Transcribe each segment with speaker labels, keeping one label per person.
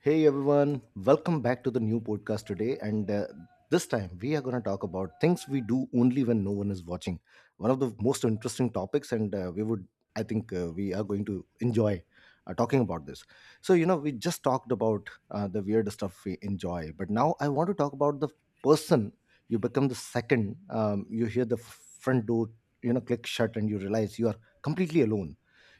Speaker 1: Hey everyone, welcome back to the new podcast today. And This time we are going to talk about things we do only when no one is watching. One of the most interesting topics, I think, we are going to enjoy talking about this. So, you know, we just talked about the weird stuff we enjoy, but now I want to talk about the person you become the second you hear the front door, you know, click shut, and you realize you are completely alone.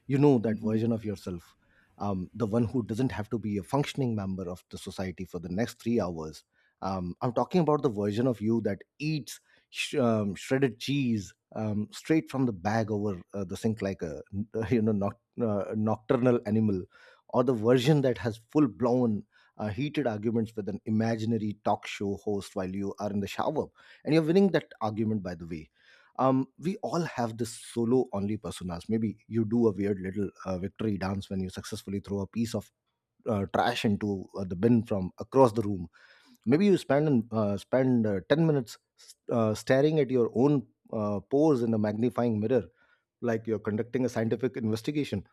Speaker 1: You know that
Speaker 2: Mhm.
Speaker 1: version of yourself, the one who doesn't have to be a functioning member of the society for the next 3 hours. I'm talking about the version of you that eats shredded cheese straight from the bag over the sink like a you know noc- nocturnal animal, or the version that has full blown heated arguments with an imaginary talk show host while you are in the shower, and you're winning that argument by the way. We all have this solo only personas. Maybe you do a weird little victory dance when you successfully throw a piece of trash into the bin from across the room. Maybe you spend 10 minutes staring at your own pores in a magnifying mirror, like you're conducting a scientific investigation.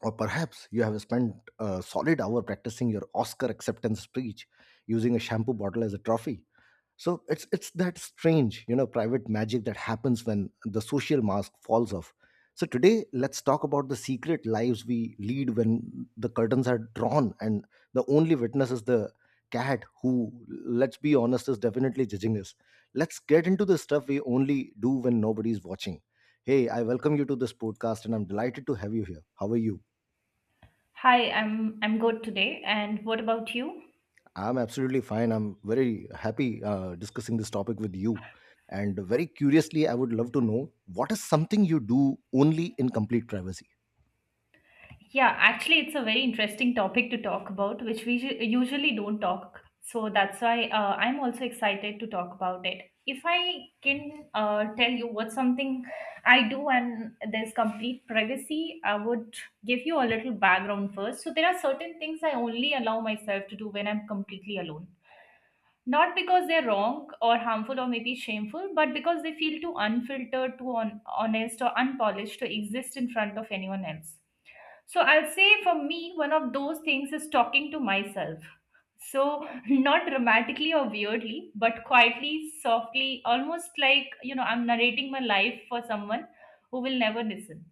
Speaker 1: Or perhaps you have spent a solid hour practicing your Oscar acceptance speech using a shampoo bottle as a trophy. So it's that strange, you know, private magic that happens when the social mask falls off. So today let's talk about the secret lives we lead when the curtains are drawn, and the only witness is the cat who, let's be honest, is definitely judging us. Let's get into the stuff we only do when nobody's watching. Hey, I welcome you to this podcast, and I'm delighted to have you here. How are you?
Speaker 2: Hi, I'm good today. And what about you?
Speaker 1: I'm absolutely fine. I'm very happy discussing this topic with you. And very curiously, I would love to know, what is something you do only in complete privacy?
Speaker 2: Yeah, actually, it's a very interesting topic to talk about, which we usually don't talk. So that's why I'm also excited to talk about it. If I can tell you what something I do and there's complete privacy, I would give you a little background first. So there are certain things I only allow myself to do when I'm completely alone. Not because they're wrong or harmful or maybe shameful, but because they feel too unfiltered, too on, honest, or unpolished to exist in front of anyone else. So I'll say for me, one of those things is talking to myself. So, not dramatically or weirdly, but quietly, softly, almost like, you know, I'm narrating my life for someone who will never listen.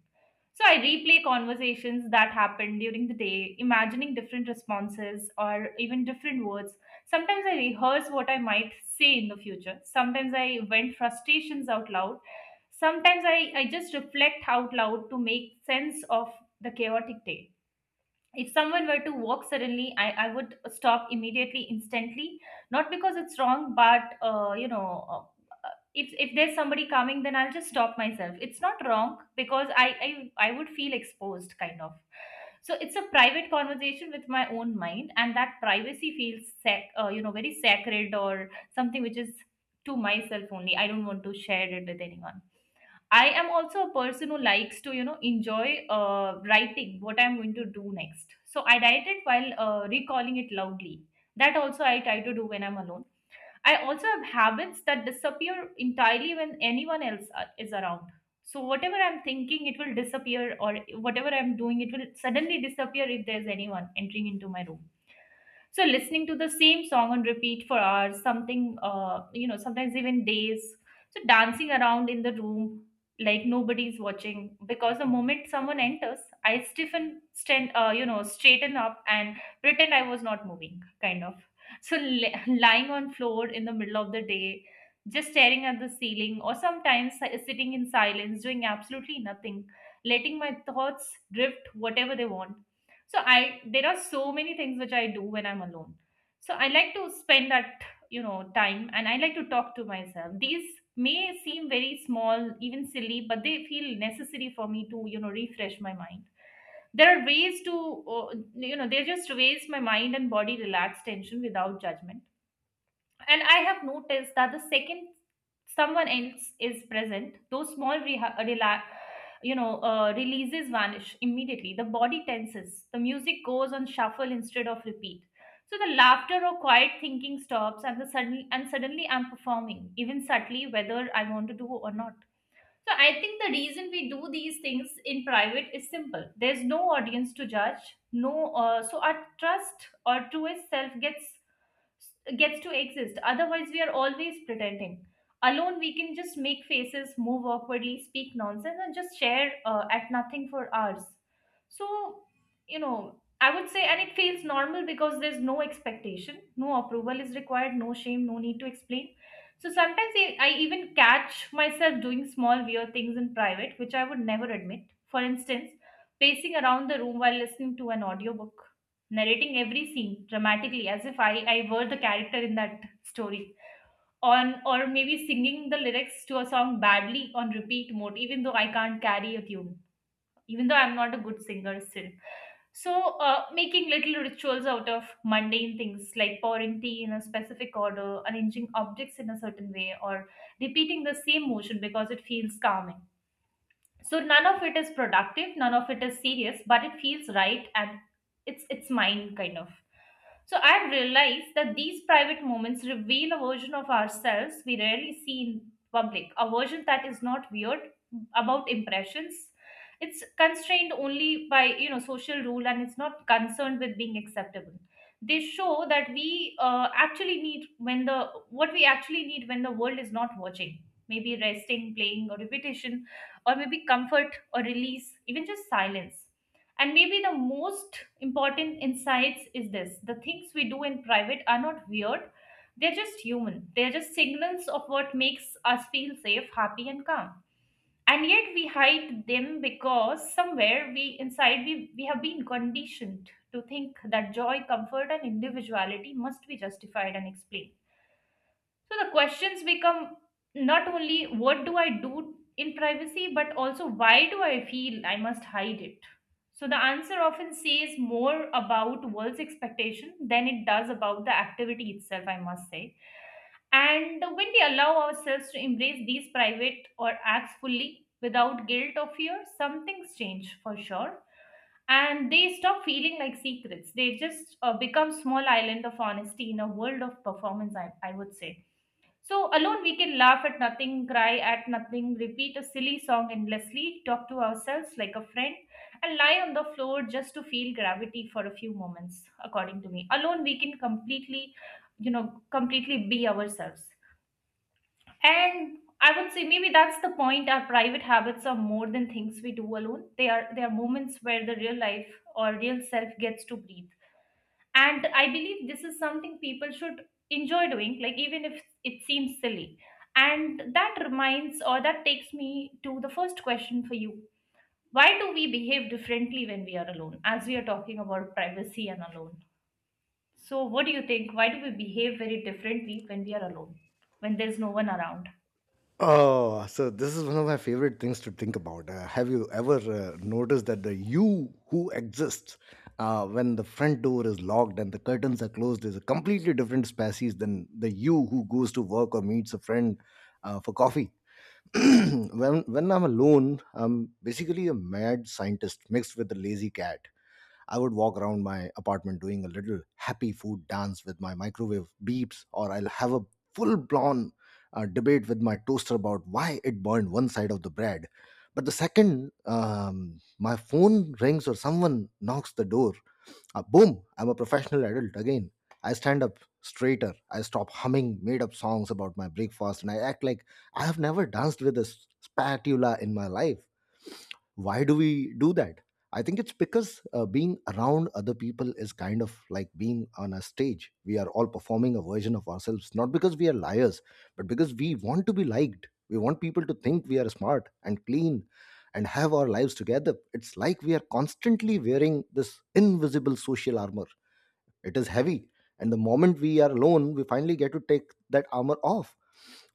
Speaker 2: So I replay conversations that happened during the day, imagining different responses or even different words. Sometimes I rehearse what I might say in the future. Sometimes I vent frustrations out loud. Sometimes I just reflect out loud to make sense of the chaotic day. If someone were to walk suddenly, I would stop immediately, instantly, not because it's wrong, but you know, if there's somebody coming, then I'll just stop myself. It's not wrong, because I would feel exposed, kind of. So it's a private conversation with my own mind, and that privacy feels you know, very sacred or something, which is to myself only. I don't want to share it with anyone. I am also a person who likes to, you know, enjoy writing what I'm going to do next. So I write it while recalling it loudly. That also I try to do when I'm alone. I also have habits that disappear entirely when anyone else is around. So whatever I'm thinking, it will disappear, or whatever I'm doing, it will suddenly disappear if there's anyone entering into my room. So listening to the same song on repeat for hours, something you know, sometimes even days. So dancing around in the room like nobody's watching, because the moment someone enters, I stiffen, stand, you know, straighten up and pretend I was not moving, kind of. So lying on floor in the middle of the day, just staring at the ceiling, or sometimes sitting in silence doing absolutely nothing, letting my thoughts drift whatever they want. So I, there are so many things which I do when I'm alone. So I like to spend that, you know, time, and I like to talk to myself. These may seem very small, even silly, but they feel necessary for me to, you know, refresh my mind. There are ways to, you know, they're just ways my mind and body relax tension without judgment. And I have noticed that the second someone else is present, those small you know, releases vanish immediately. The body tenses. The music goes on shuffle instead of repeat. So the laughter or quiet thinking stops, and the suddenly and suddenly I'm performing, even subtly, whether I want to do or not. So I think the reason we do these things in private is simple. There's no audience to judge. No, So our trust or to self gets gets to exist. Otherwise, we are always pretending. Alone, we can just make faces, move awkwardly, speak nonsense, and just share at nothing for hours. So, you know, I would say, and it feels normal because there's no expectation, no approval is required, no shame, no need to explain. So sometimes I even catch myself doing small weird things in private, which I would never admit. For instance, pacing around the room while listening to an audiobook, narrating every scene dramatically as if I were the character in that story. On, or maybe singing the lyrics to a song badly on repeat mode, even though I can't carry a tune, even though I'm not a good singer still. So, making little rituals out of mundane things like pouring tea in a specific order, arranging objects in a certain way, or repeating the same motion because it feels calming. So none of it is productive, none of it is serious, but it feels right, and it's mine, kind of. So I've realized that these private moments reveal a version of ourselves we rarely see in public, a version that is not weird about impressions. It's constrained only by, you know, social rule, and it's not concerned with being acceptable. They show that we actually need when the what we actually need when the world is not watching, maybe resting, playing, or repetition, or maybe comfort or release, even just silence. And maybe the most important insights is this: the things we do in private are not weird, they're just human. They're just signals of what makes us feel safe, happy, and calm. And yet we hide them because somewhere we have been conditioned to think that joy, comfort, and individuality must be justified and explained. So the questions become, not only what do I do in privacy, but also why do I feel I must hide it? So the answer often says more about world's expectation than it does about the activity itself, I must say. And when we allow ourselves to embrace these private or acts fully without guilt or fear, some things change for sure. And they stop feeling like secrets. They just become small island of honesty in a world of performance, I would say. So, alone we can laugh at nothing, cry at nothing, repeat a silly song endlessly, talk to ourselves like a friend, and lie on the floor just to feel gravity for a few moments, according to me. Alone we can completely, you know, completely be ourselves. And I would say maybe that's the point. Our private habits are more than things we do alone. They are moments where the real life or real self gets to breathe. And I believe this is something people should enjoy doing, like even if it seems silly. And that reminds, or that takes me to the first question for you: why do we behave differently when we are alone? As we are talking about privacy and alone, so what do you think, why do we behave very differently when we are alone, when there's no one around?
Speaker 1: Oh, so this is one of my favorite things to think about. Have you ever noticed that the you who exists when the front door is locked and the curtains are closed is a completely different species than the you who goes to work or meets a friend for coffee?
Speaker 2: Right.
Speaker 1: When I'm alone, I'm basically a mad scientist mixed with a lazy cat. I would walk around my apartment doing a little happy food dance with my microwave beeps, or I'll have a full blown debate with my toaster about why it burned one side of the bread. But the second my phone rings or someone knocks the door, boom, I'm a professional adult again. I stand up straighter. I stop humming made up songs about my breakfast, and I act like I have never danced with a spatula in my life. Why do we do that? I think it's because being around other people is kind of like being on a stage. We are all performing a version of ourselves, not because we are liars, but because we want to be liked. We want people to think we are smart and clean and have our lives together. It's like we are constantly wearing this invisible social armor. It is heavy. And the moment we are alone, we finally get to take that armor off.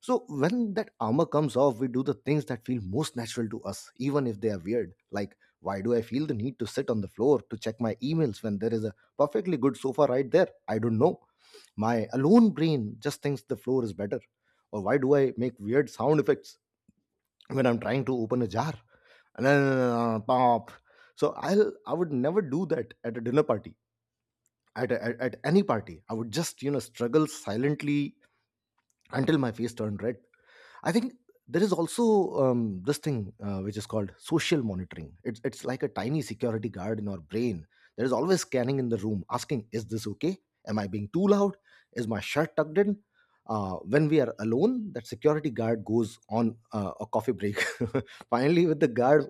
Speaker 1: So when that armor comes off, we do the things that feel most natural to us, even if they are weird. Like why do I feel the need to sit on the floor to check my emails when there is a perfectly good sofa right there? I don't know. My alone brain just thinks the floor is better. Or why do I make weird sound effects when I'm trying to open a jar? Pop. So I would never do that at a dinner party. At any party I would just, you know, struggle silently until my face turned red. I think there is also this thing which is called social monitoring. It's like a tiny security guard in our brain. There is always scanning in the room, asking, is this okay? Am I being too loud? Is my shirt tucked in? When we are alone, that security guard goes on a coffee break. Finally, with the guard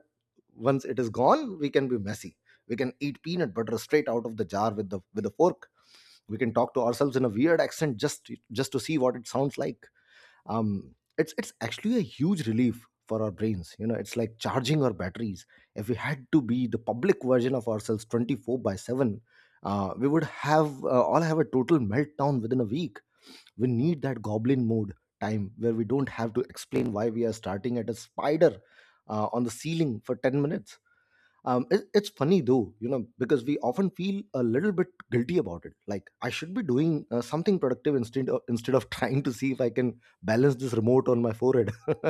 Speaker 1: once it is gone, we can be messy. We can eat peanut butter straight out of the jar with the with a fork. We can talk to ourselves in a weird accent just to see what it sounds like. It's actually a huge relief for our brains, you know. It's like charging our batteries. If we had to be the public version of ourselves 24 by 7, we would have all have a total meltdown within a week. We need that goblin mode time where we don't have to explain why we are starting at a spider on the ceiling for 10 minutes. It's funny though, you know, because we often feel a little bit guilty about it, like I should be doing something productive instead of trying to see if I can balance this remote on my forehead.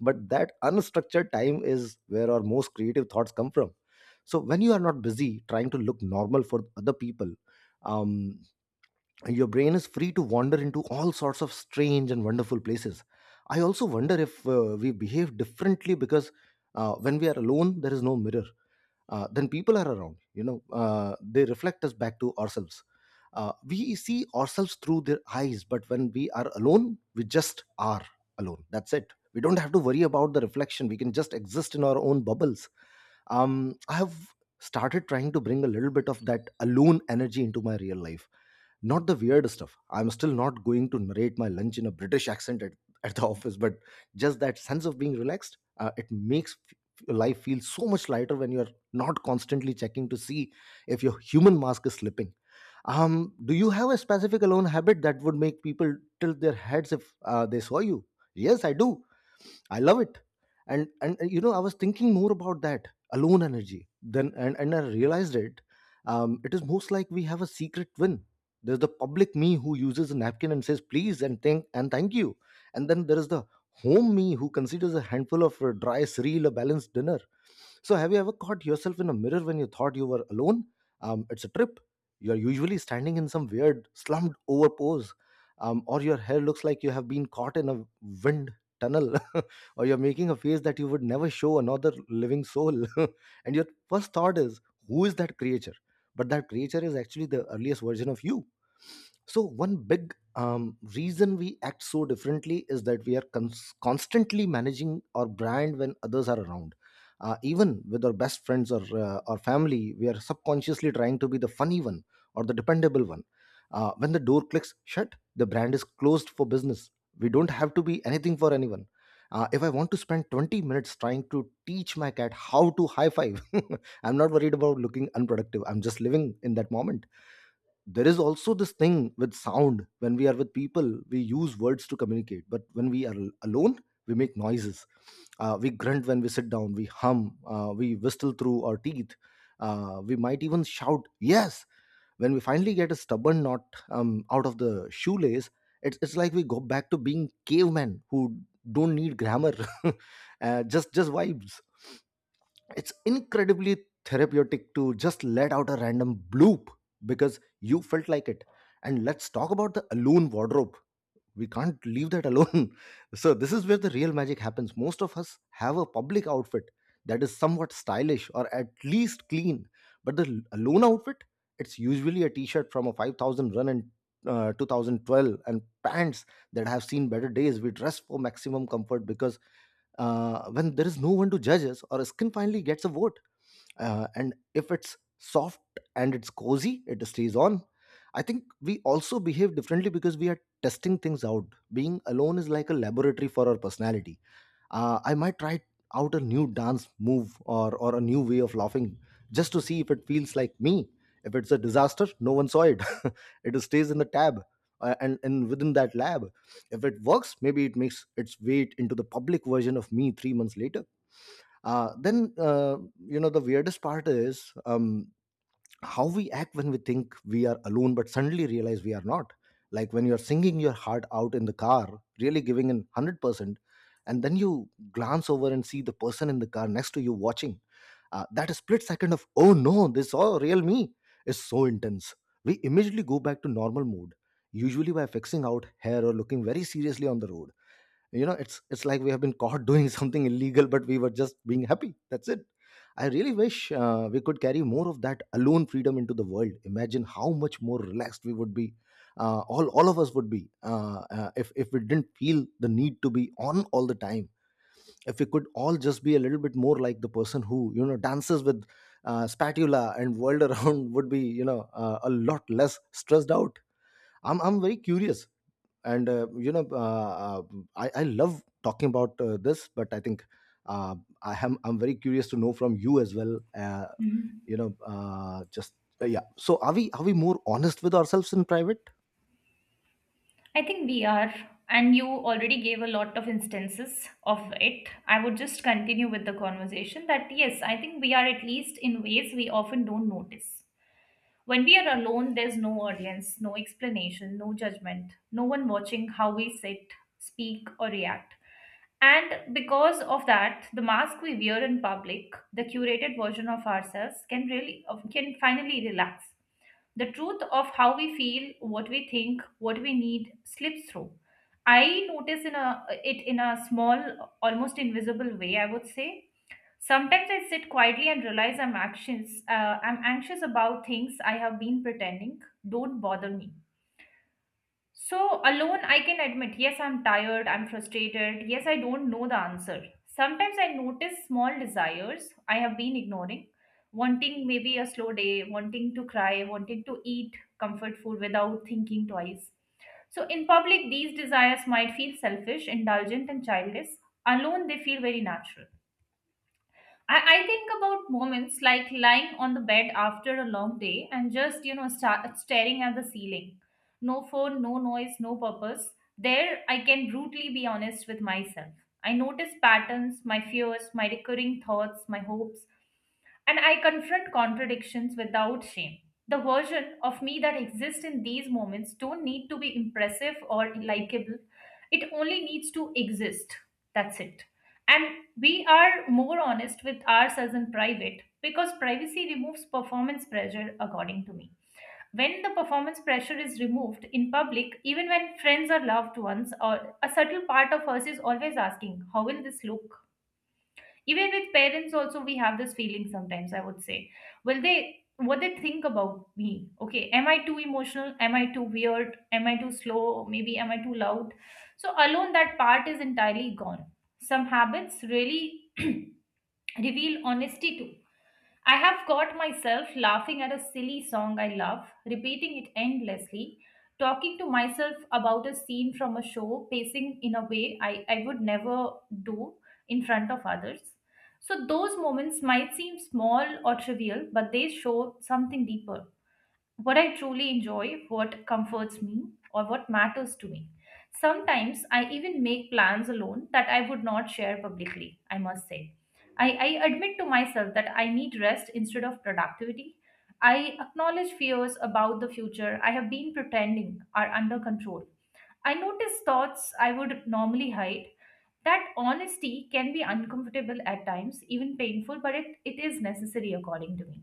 Speaker 1: But that unstructured time is where our most creative thoughts come from. So when you are not busy trying to look normal for other people, um, your brain is free to wander into all sorts of strange and wonderful places. I also wonder if we behave differently because when we are alone there is no mirror. Then people are around, you know, they reflect us back to ourselves. We see ourselves through their eyes, but when we are alone we just are alone. That's it. We don't have to worry about the reflection. We can just exist in our own bubbles. I have started trying to bring a little bit of that alone energy into my real life. Not the weird stuff. I'm still not going to narrate my lunch in a British accent at the office, but just that sense of being relaxed, it makes life feel so much lighter when you're not constantly checking to see if your human mask is slipping. Do you have a specific alone habit that would make people tilt their heads if they saw you? Yes, I do. I love it. And you know, I was thinking more about that alone energy. Then and I realized it. It is most like we have a secret win. There's the public me who uses a napkin and says please and thank you. And then there is the home me who considers a handful of dry cereal a balanced dinner. So, have you ever caught yourself in a mirror when you thought you were alone? It's a trip. You're usually standing in some weird, slumped over pose, or your hair looks like you have been caught in a wind tunnel, or you're making a face that you would never show another living soul. And your first thought is, who is that creature? But that creature is actually the earliest version of you. So, one big reason we act so differently is that we are constantly managing our brand when others are around. Even with our best friends or family, we are subconsciously trying to be the funny one or the dependable one. When the door clicks shut, the brand is closed for business. We don't have to be anything for anyone. If I want to spend 20 minutes trying to teach my cat how to high five, I'm not worried about looking unproductive. I'm just living in that moment. There is also this thing with sound. When we are with people we use words to communicate, but when we are alone we make noises. We grunt when we sit down. We hum. We whistle through our teeth. We might even shout yes when we finally get a stubborn knot out of the shoelace. It's like we go back to being cavemen who don't need grammar. Just vibes. It's incredibly therapeutic to just let out a random bloop because you felt like it. And let's talk about the alone wardrobe. We can't leave that alone. So this is where the real magic happens. Most of us have a public outfit that is somewhat stylish or at least clean, but the lone outfit, it's usually a t-shirt from a 5,000 run in 2012, and pants that have seen better days. We dress for maximum comfort because when there is no one to judge us, or skin finally gets a vote. And if it's soft and it's cozy, it stays on. I think we also behave differently because we are testing things out. Being alone is like a laboratory for our personality. I might try out a new dance move, or a new way of laughing, just to see if it feels like me. If it's a disaster, no one saw it. It stays in the tab. And within that lab, if it works, maybe it makes its way into the public version of me 3 months later. Then you know The weirdest part is how we act when we think we are alone, but suddenly realize we are not. Like when you're singing your heart out in the car, really giving in 100%, and then you glance over and see the person in the car next to you watching. That split second of "Oh no, this all real me" is so intense. We immediately go back to normal mode, usually by fixing out hair or looking very seriously on the road. You know, it's like we have been caught doing something illegal, but we were just being happy. That's it. I really wish we could carry more of that alone freedom into the world. Imagine how much more relaxed we would be, all of us would be, if we didn't feel the need to be on all the time. If we could all just be a little bit more like the person who, you know, dances with spatula and whirled around, would be, you know, a lot less stressed out. I'm very curious, and I love talking about this, but I think uh, I'm very curious to know from you as well. uh,
Speaker 2: Mhm.
Speaker 1: you know uh, just uh, yeah so are we, are we more honest with ourselves in private?
Speaker 2: I think we are, and you already gave a lot of instances of it. I would just continue with the conversation that yes, I think we are, at least in ways we often don't notice. When we are alone, there's no audience, no explanation, no judgment, no one watching how we sit, speak, or react. And because of that, the mask we wear in public, the curated version of ourselves, can really, can finally relax. The truth of how we feel, what we think, what we need slips through. I notice in a it in a small, almost invisible way, I would say. Sometimes I sit quietly and realize I'm anxious. I'm anxious about things I have been pretending don't bother me. So, alone, I can admit, yes, I'm tired, I'm frustrated, yes, I don't know the answer. Sometimes I notice small desires I have been ignoring, wanting maybe a slow day, wanting to cry, wanting to eat comfort food without thinking twice. So, in public, these desires might feel selfish, indulgent, and childish. Alone, they feel very natural. I think about moments like lying on the bed after a long day and just, you know, start staring at the ceiling. No phone, no noise, no purpose. There, I can brutally be honest with myself. I notice patterns, my fears, my recurring thoughts, my hopes, and I confront contradictions without shame. The version of me that exists in these moments don't need to be impressive or likable. It only needs to exist. That's it. And we are more honest with ourselves in private because privacy removes performance pressure, according to me. When the performance pressure is removed in public, even when friends or loved ones, or a subtle part of us is always asking, How will this look? Even with parents also we have this feeling sometimes, I would say. Will they, what they think about me? Okay, am I too emotional, am I too weird, am I too slow maybe, am I too loud? So alone that part is entirely gone. Some habits really reveal honesty too. I have caught myself laughing at a silly song I love, repeating it endlessly, talking to myself about a scene from a show, pacing in a way I would never do in front of others. So, those moments might seem small or trivial, but they show something deeper, what I truly enjoy, what comforts me, or what matters to me. Sometimes I even make plans alone that I would not share publicly, I must say. I admit to myself that I need rest instead of productivity. I acknowledge fears about the future I have been pretending are under control. I notice thoughts I would normally hide. That honesty can be uncomfortable at times, even painful, but it is necessary according to me.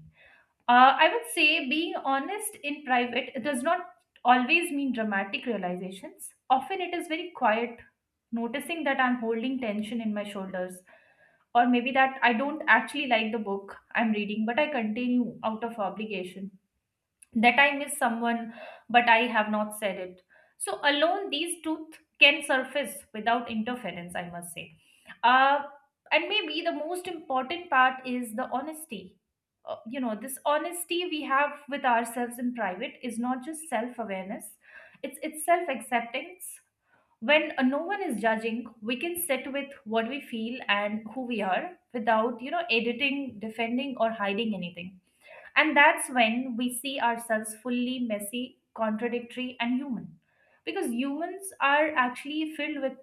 Speaker 2: I would say being honest in private does not always mean dramatic realizations. Often it is very quiet, noticing that I'm holding tension in my shoulders, or maybe that I don't actually like the book I'm reading, but I continue out of obligation, that I miss someone, but I have not said it. So, alone, these truths can surface without interference, I must say. Uh, and maybe the most important part is the honesty. This honesty we have with ourselves in private is not just self awareness, it's self acceptance. When no one is judging, we can sit with what we feel and who we are without, you know, editing, defending, or hiding anything, and that's when we see ourselves fully messy, contradictory, and human. Because humans are actually filled with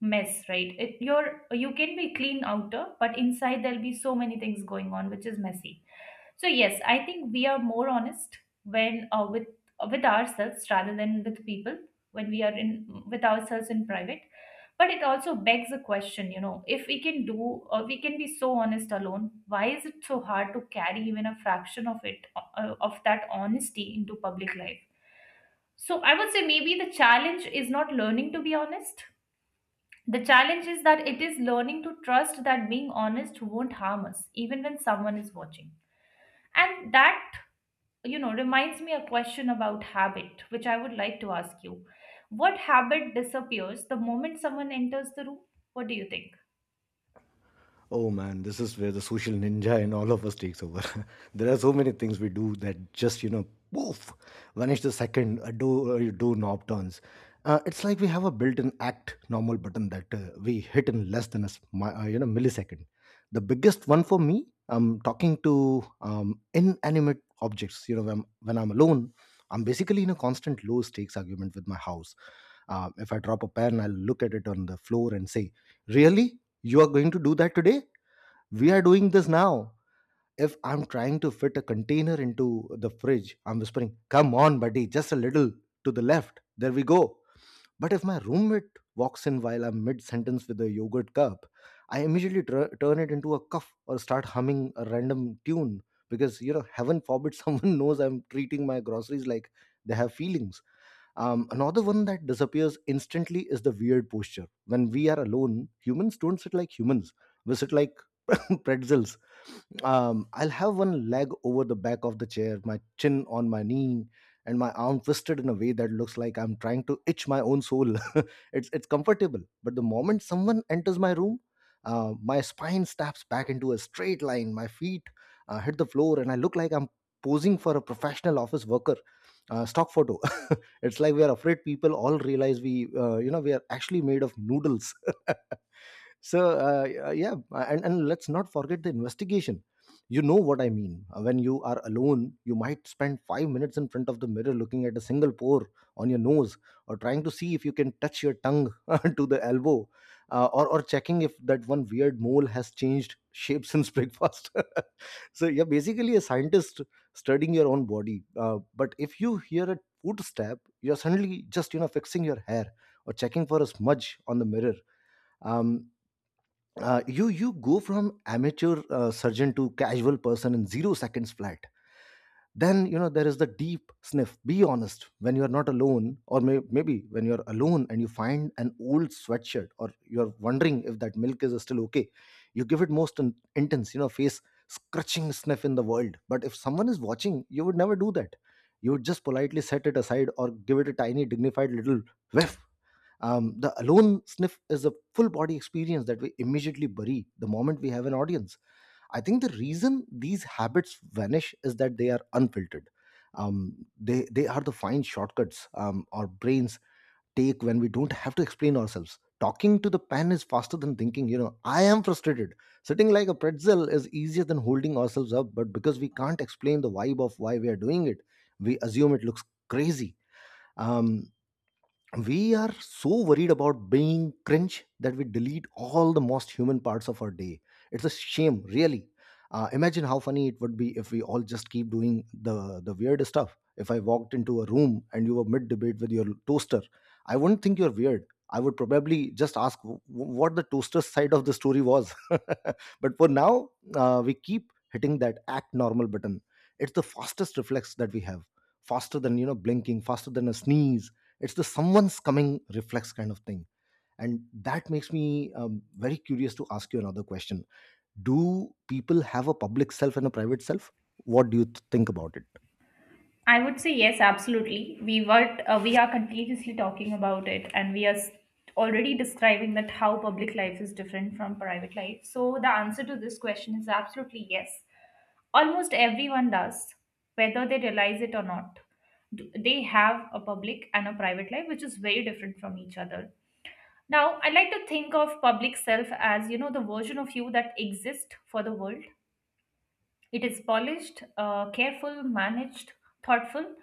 Speaker 2: mess, right? You can be clean outer, but inside there'll be so many things going on, which is messy. So yes, I think we are more honest when with ourselves rather than with people when we are in with ourselves in private. But it also begs a question, you know, if we can do or we can be so honest alone, why is it so hard to carry even a fraction of it of that honesty into public life? So I would say maybe the challenge is not learning to be honest. The challenge is that it is learning to trust that being honest won't harm us, even when someone is watching. And that, you know, reminds me a question about habit, which I would like to ask you. What habit disappears the moment someone enters the room? What do you think?
Speaker 1: Oh man, this is where the social ninja in all of us takes over. There are so many things we do that just, you know, poof, vanish the second a door, a doorknob turns. It's like we have a built-in act normal button that we hit in less than a you know, millisecond. The biggest one for me, I'm talking to inanimate objects. You know, when I'm alone, I'm basically in a constant low-stakes argument with my house. If I drop a pen, I'll look at it on the floor and say, "Really, you are going to do that today? We are doing this now." If I'm trying to fit a container into the fridge, I'm whispering, "Come on, buddy, just a little to the left. There we go." But if my roommate walks in while I'm mid sentence with a yogurt cup, I immediately turn it into a cuff or start humming a random tune because, you know, heaven forbid someone knows I'm treating my groceries like they have feelings. Another one that disappears instantly is the weird posture. When we are alone, humans don't sit like humans. We sit like pretzels. I'll have one leg over the back of the chair, my chin on my knee, and my arm twisted in a way that looks like I'm trying to itch my own soul. It's comfortable, but the moment someone enters my room, my spine snaps back into a straight line. My feet hit the floor, and I look like I'm posing for a professional office worker. Stock photo. It's like we are afraid people all realize you know, we are actually made of noodles. And let's not forget the investigation, you know what I mean. When you are alone, you might spend 5 minutes in front of the mirror looking at a single pore on your nose, or trying to see if you can touch your tongue to the elbow, or checking if that one weird mole has changed shape since breakfast. So you're basically a scientist studying your own body, but if you hear a footstep, you're suddenly just, you know, fixing your hair or checking for a smudge on the mirror. Um, uh, you you go from amateur surgeon to casual person in 0 seconds flat. Then, you know, there is the deep sniff. Be honest, when you are not alone, or maybe when you are alone and you find an old sweatshirt, or you are wondering if that milk is still okay, you give it most intense, you know, face scratching sniff in the world. But if someone is watching, you would never do that. You would just politely set it aside or give it a tiny dignified little whiff. The alone sniff is a full body experience that we immediately bury the moment we have an audience. I think the reason these habits vanish is that they are unfiltered. They are the fine shortcuts, our brains take when we don't have to explain ourselves. Talking to the pen is faster than thinking, you know, "I am frustrated." Sitting like a pretzel is easier than holding ourselves up, but because we can't explain the vibe of why we are doing it, we assume it looks crazy. Um, we are so worried about being cringe that we delete all the most human parts of our day. It's a shame, really. Imagine how funny it would be if we all just keep doing the weird stuff. If I walked into a room and you were mid debate with your toaster, I wouldn't think you're weird. I would probably just ask what the toaster's side of the story was. But for now, we keep hitting that act normal button. It's the fastest reflex that we have, faster than, you know, blinking, faster than a sneeze. It's the "someone's coming" reflex, kind of thing. And that makes me, very curious to ask you another question. Do people have a public self and a private self? What do you think about it?
Speaker 2: I would say yes, absolutely. We are continuously talking about it, and already describing that how public life is different from private life. So the answer to this question is absolutely yes. Almost everyone does, whether they realize it or not. They have a public and a private life, which is very different from each other. Now, I like to think of public self as, you know, the version of you that exists for the world. It is polished, careful, managed, thoughtful.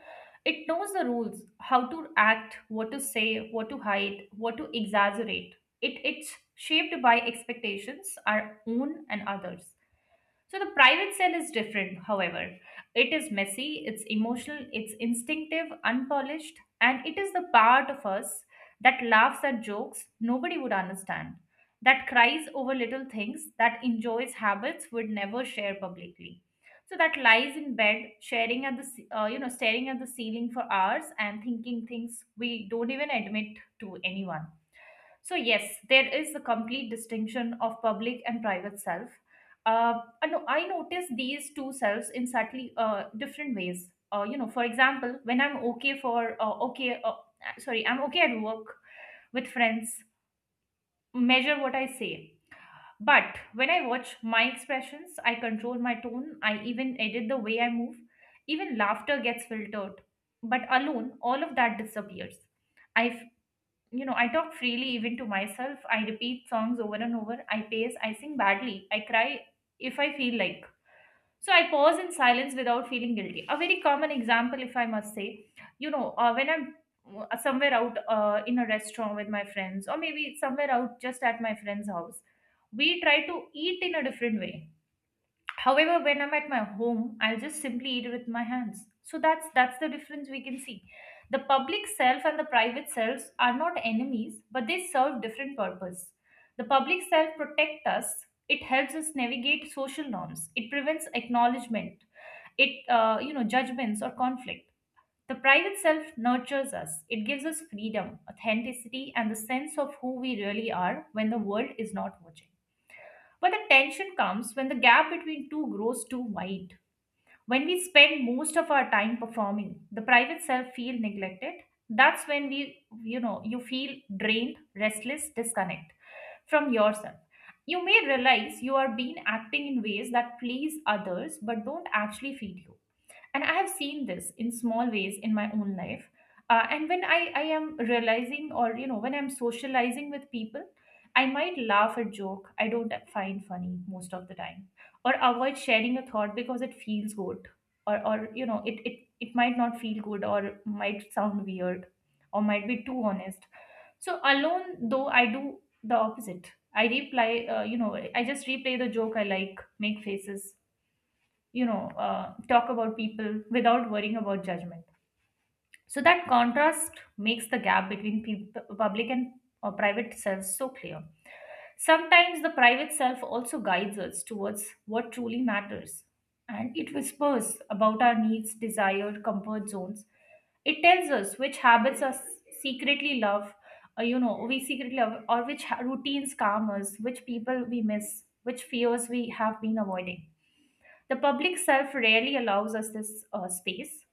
Speaker 2: It knows the rules, how to act, what to say, what to hide, what to exaggerate. It's shaped by expectations, our own and others. So the private cell is different, however. It is messy, it's emotional, it's instinctive, unpolished, and it is the part of us that laughs at jokes nobody would understand, that cries over little things, that enjoys habits would never share publicly. So that lies in bed, sharing at the ce- you know staring at the ceiling for hours and thinking things we don't even admit to anyone. So, yes, there is a complete distinction of public and private self. Uh, I notice these two selves in slightly different ways. You know, for example, when I'm okay for, okay, sorry, I'm okay at work with friends, measure what I say. But when I watch my expressions, I control my tone, I even edit the way I move, even laughter gets filtered. But alone, all of that disappears. I I talk freely even to myself. I repeat songs over and over. I pace. I sing badly. I cry if I feel like. So I pause in silence without feeling guilty. A very common example, if I must say, you know, when I'm somewhere out in a restaurant with my friends, or maybe somewhere out just at my friend's house, we try to eat in a different way. However, when I'm at my home, I'll just simply eat with my hands. So that's the difference we can see. The public self and the private selves are not enemies, but they serve different purpose. The public self protects us. It helps us navigate social norms. It prevents acknowledgement, it you know judgments or conflict. The private self nurtures us. It gives us freedom, authenticity, and the sense of who we really are when the world is not watching. But the tension comes when the gap between two grows too wide. When we spend most of our time performing, the private self feel neglected. That's when we, you know, you feel drained, restless, disconnect from yourself. You may realize you are being acting in ways that please others but don't actually feed you, and I have seen this in small ways in my own life. And when I am realizing, or you know, when I'm socializing with people, I might laugh a joke I don't find funny most of the time, or avoid sharing a thought because it feels good, or it might not feel good or might sound weird or might be too honest. So alone though, I do the opposite. I reply, uh, you know i just replay the joke I like, make faces, you know, talk about people without worrying about judgment. So that contrast makes the gap between public and private selves so clear. Sometimes the private self also guides us towards what truly matters, and it whispers about our needs, desire, comfort zones. It tells us which habits are secretly love, we secretly love, or routines calm us, which people we miss, which fears we have been avoiding. The public self rarely allows us this space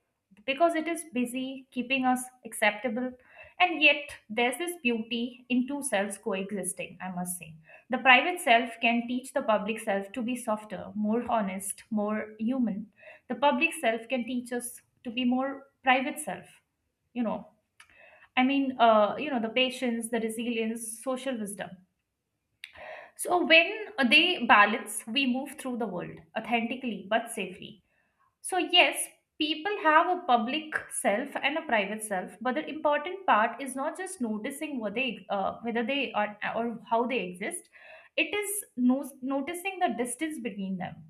Speaker 2: because it is busy keeping us acceptable. And yet, there's this beauty in two selves coexisting, I must say. The private self can teach the public self to be softer, more honest, more human. The public self can teach us to be more private self, you know. I mean, the patience, the resilience, social wisdom. So when they balance, we move through the world authentically but safely. So, yes, people have a public self and a private self, but the important part is not just noticing whether they are or how they exist. It is noticing the distance between them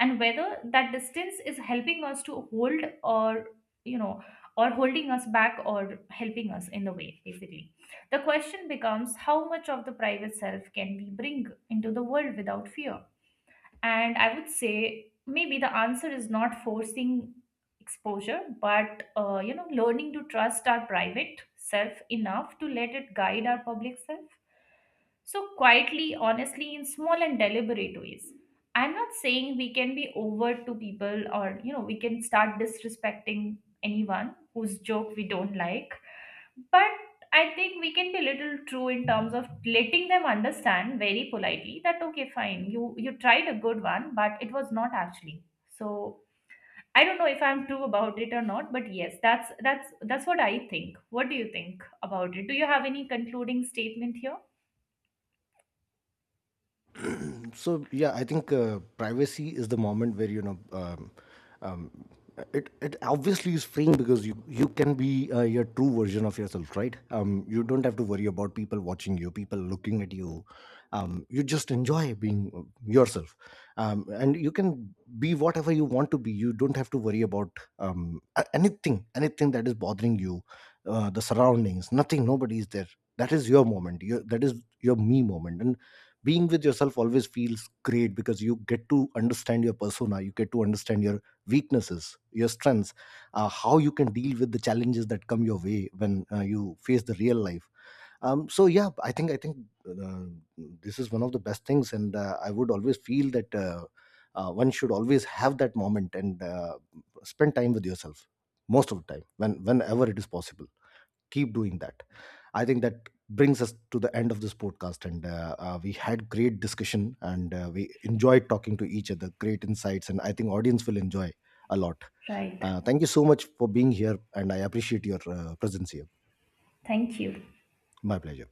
Speaker 2: and whether that distance is helping us to hold, or you know, or holding us back or helping us in the way basically. The question becomes how much of the private self can we bring into the world without fear, and I would say maybe the answer is not forcing exposure, but learning to trust our private self enough to let it guide our public self. So quietly, honestly, in small and deliberate ways. I'm not saying we can be overt to people, or you know, we can start disrespecting anyone whose joke we don't like, but I think we can be little true in terms of letting them understand very politely that okay, fine, you tried a good one, but it was not actually. So I don't know if I'm true about it or not, but yes, that's what I think. What do you think about it? Do you have any concluding statement here?
Speaker 1: So yeah, I think privacy is the moment where, you know, um, it obviously is freeing because you can be your true version of yourself, right? You don't have to worry about people watching you, people looking at you. You just enjoy being yourself, and you can be whatever you want to be. You don't have to worry about anything, anything that is bothering you, the surroundings, nothing, nobody is there. That is your moment. That is your me moment, and being with yourself always feels great because you get to understand your persona. You get to understand your weaknesses, your strengths, how you can deal with the challenges that come your way when, you face the real life. So yeah, I think uh, this is one of the best things, and I would always feel that, one should always have that moment and spend time with yourself most of the time. Whenever it is possible, keep doing that. I think that brings us to the end of this podcast, and we had great discussion, and we enjoyed talking to each other. Great insights, and I think audience will enjoy a lot.
Speaker 2: Right.
Speaker 1: Thank you so much for being here, and I appreciate your presence here.
Speaker 2: Thank you.
Speaker 1: My pleasure.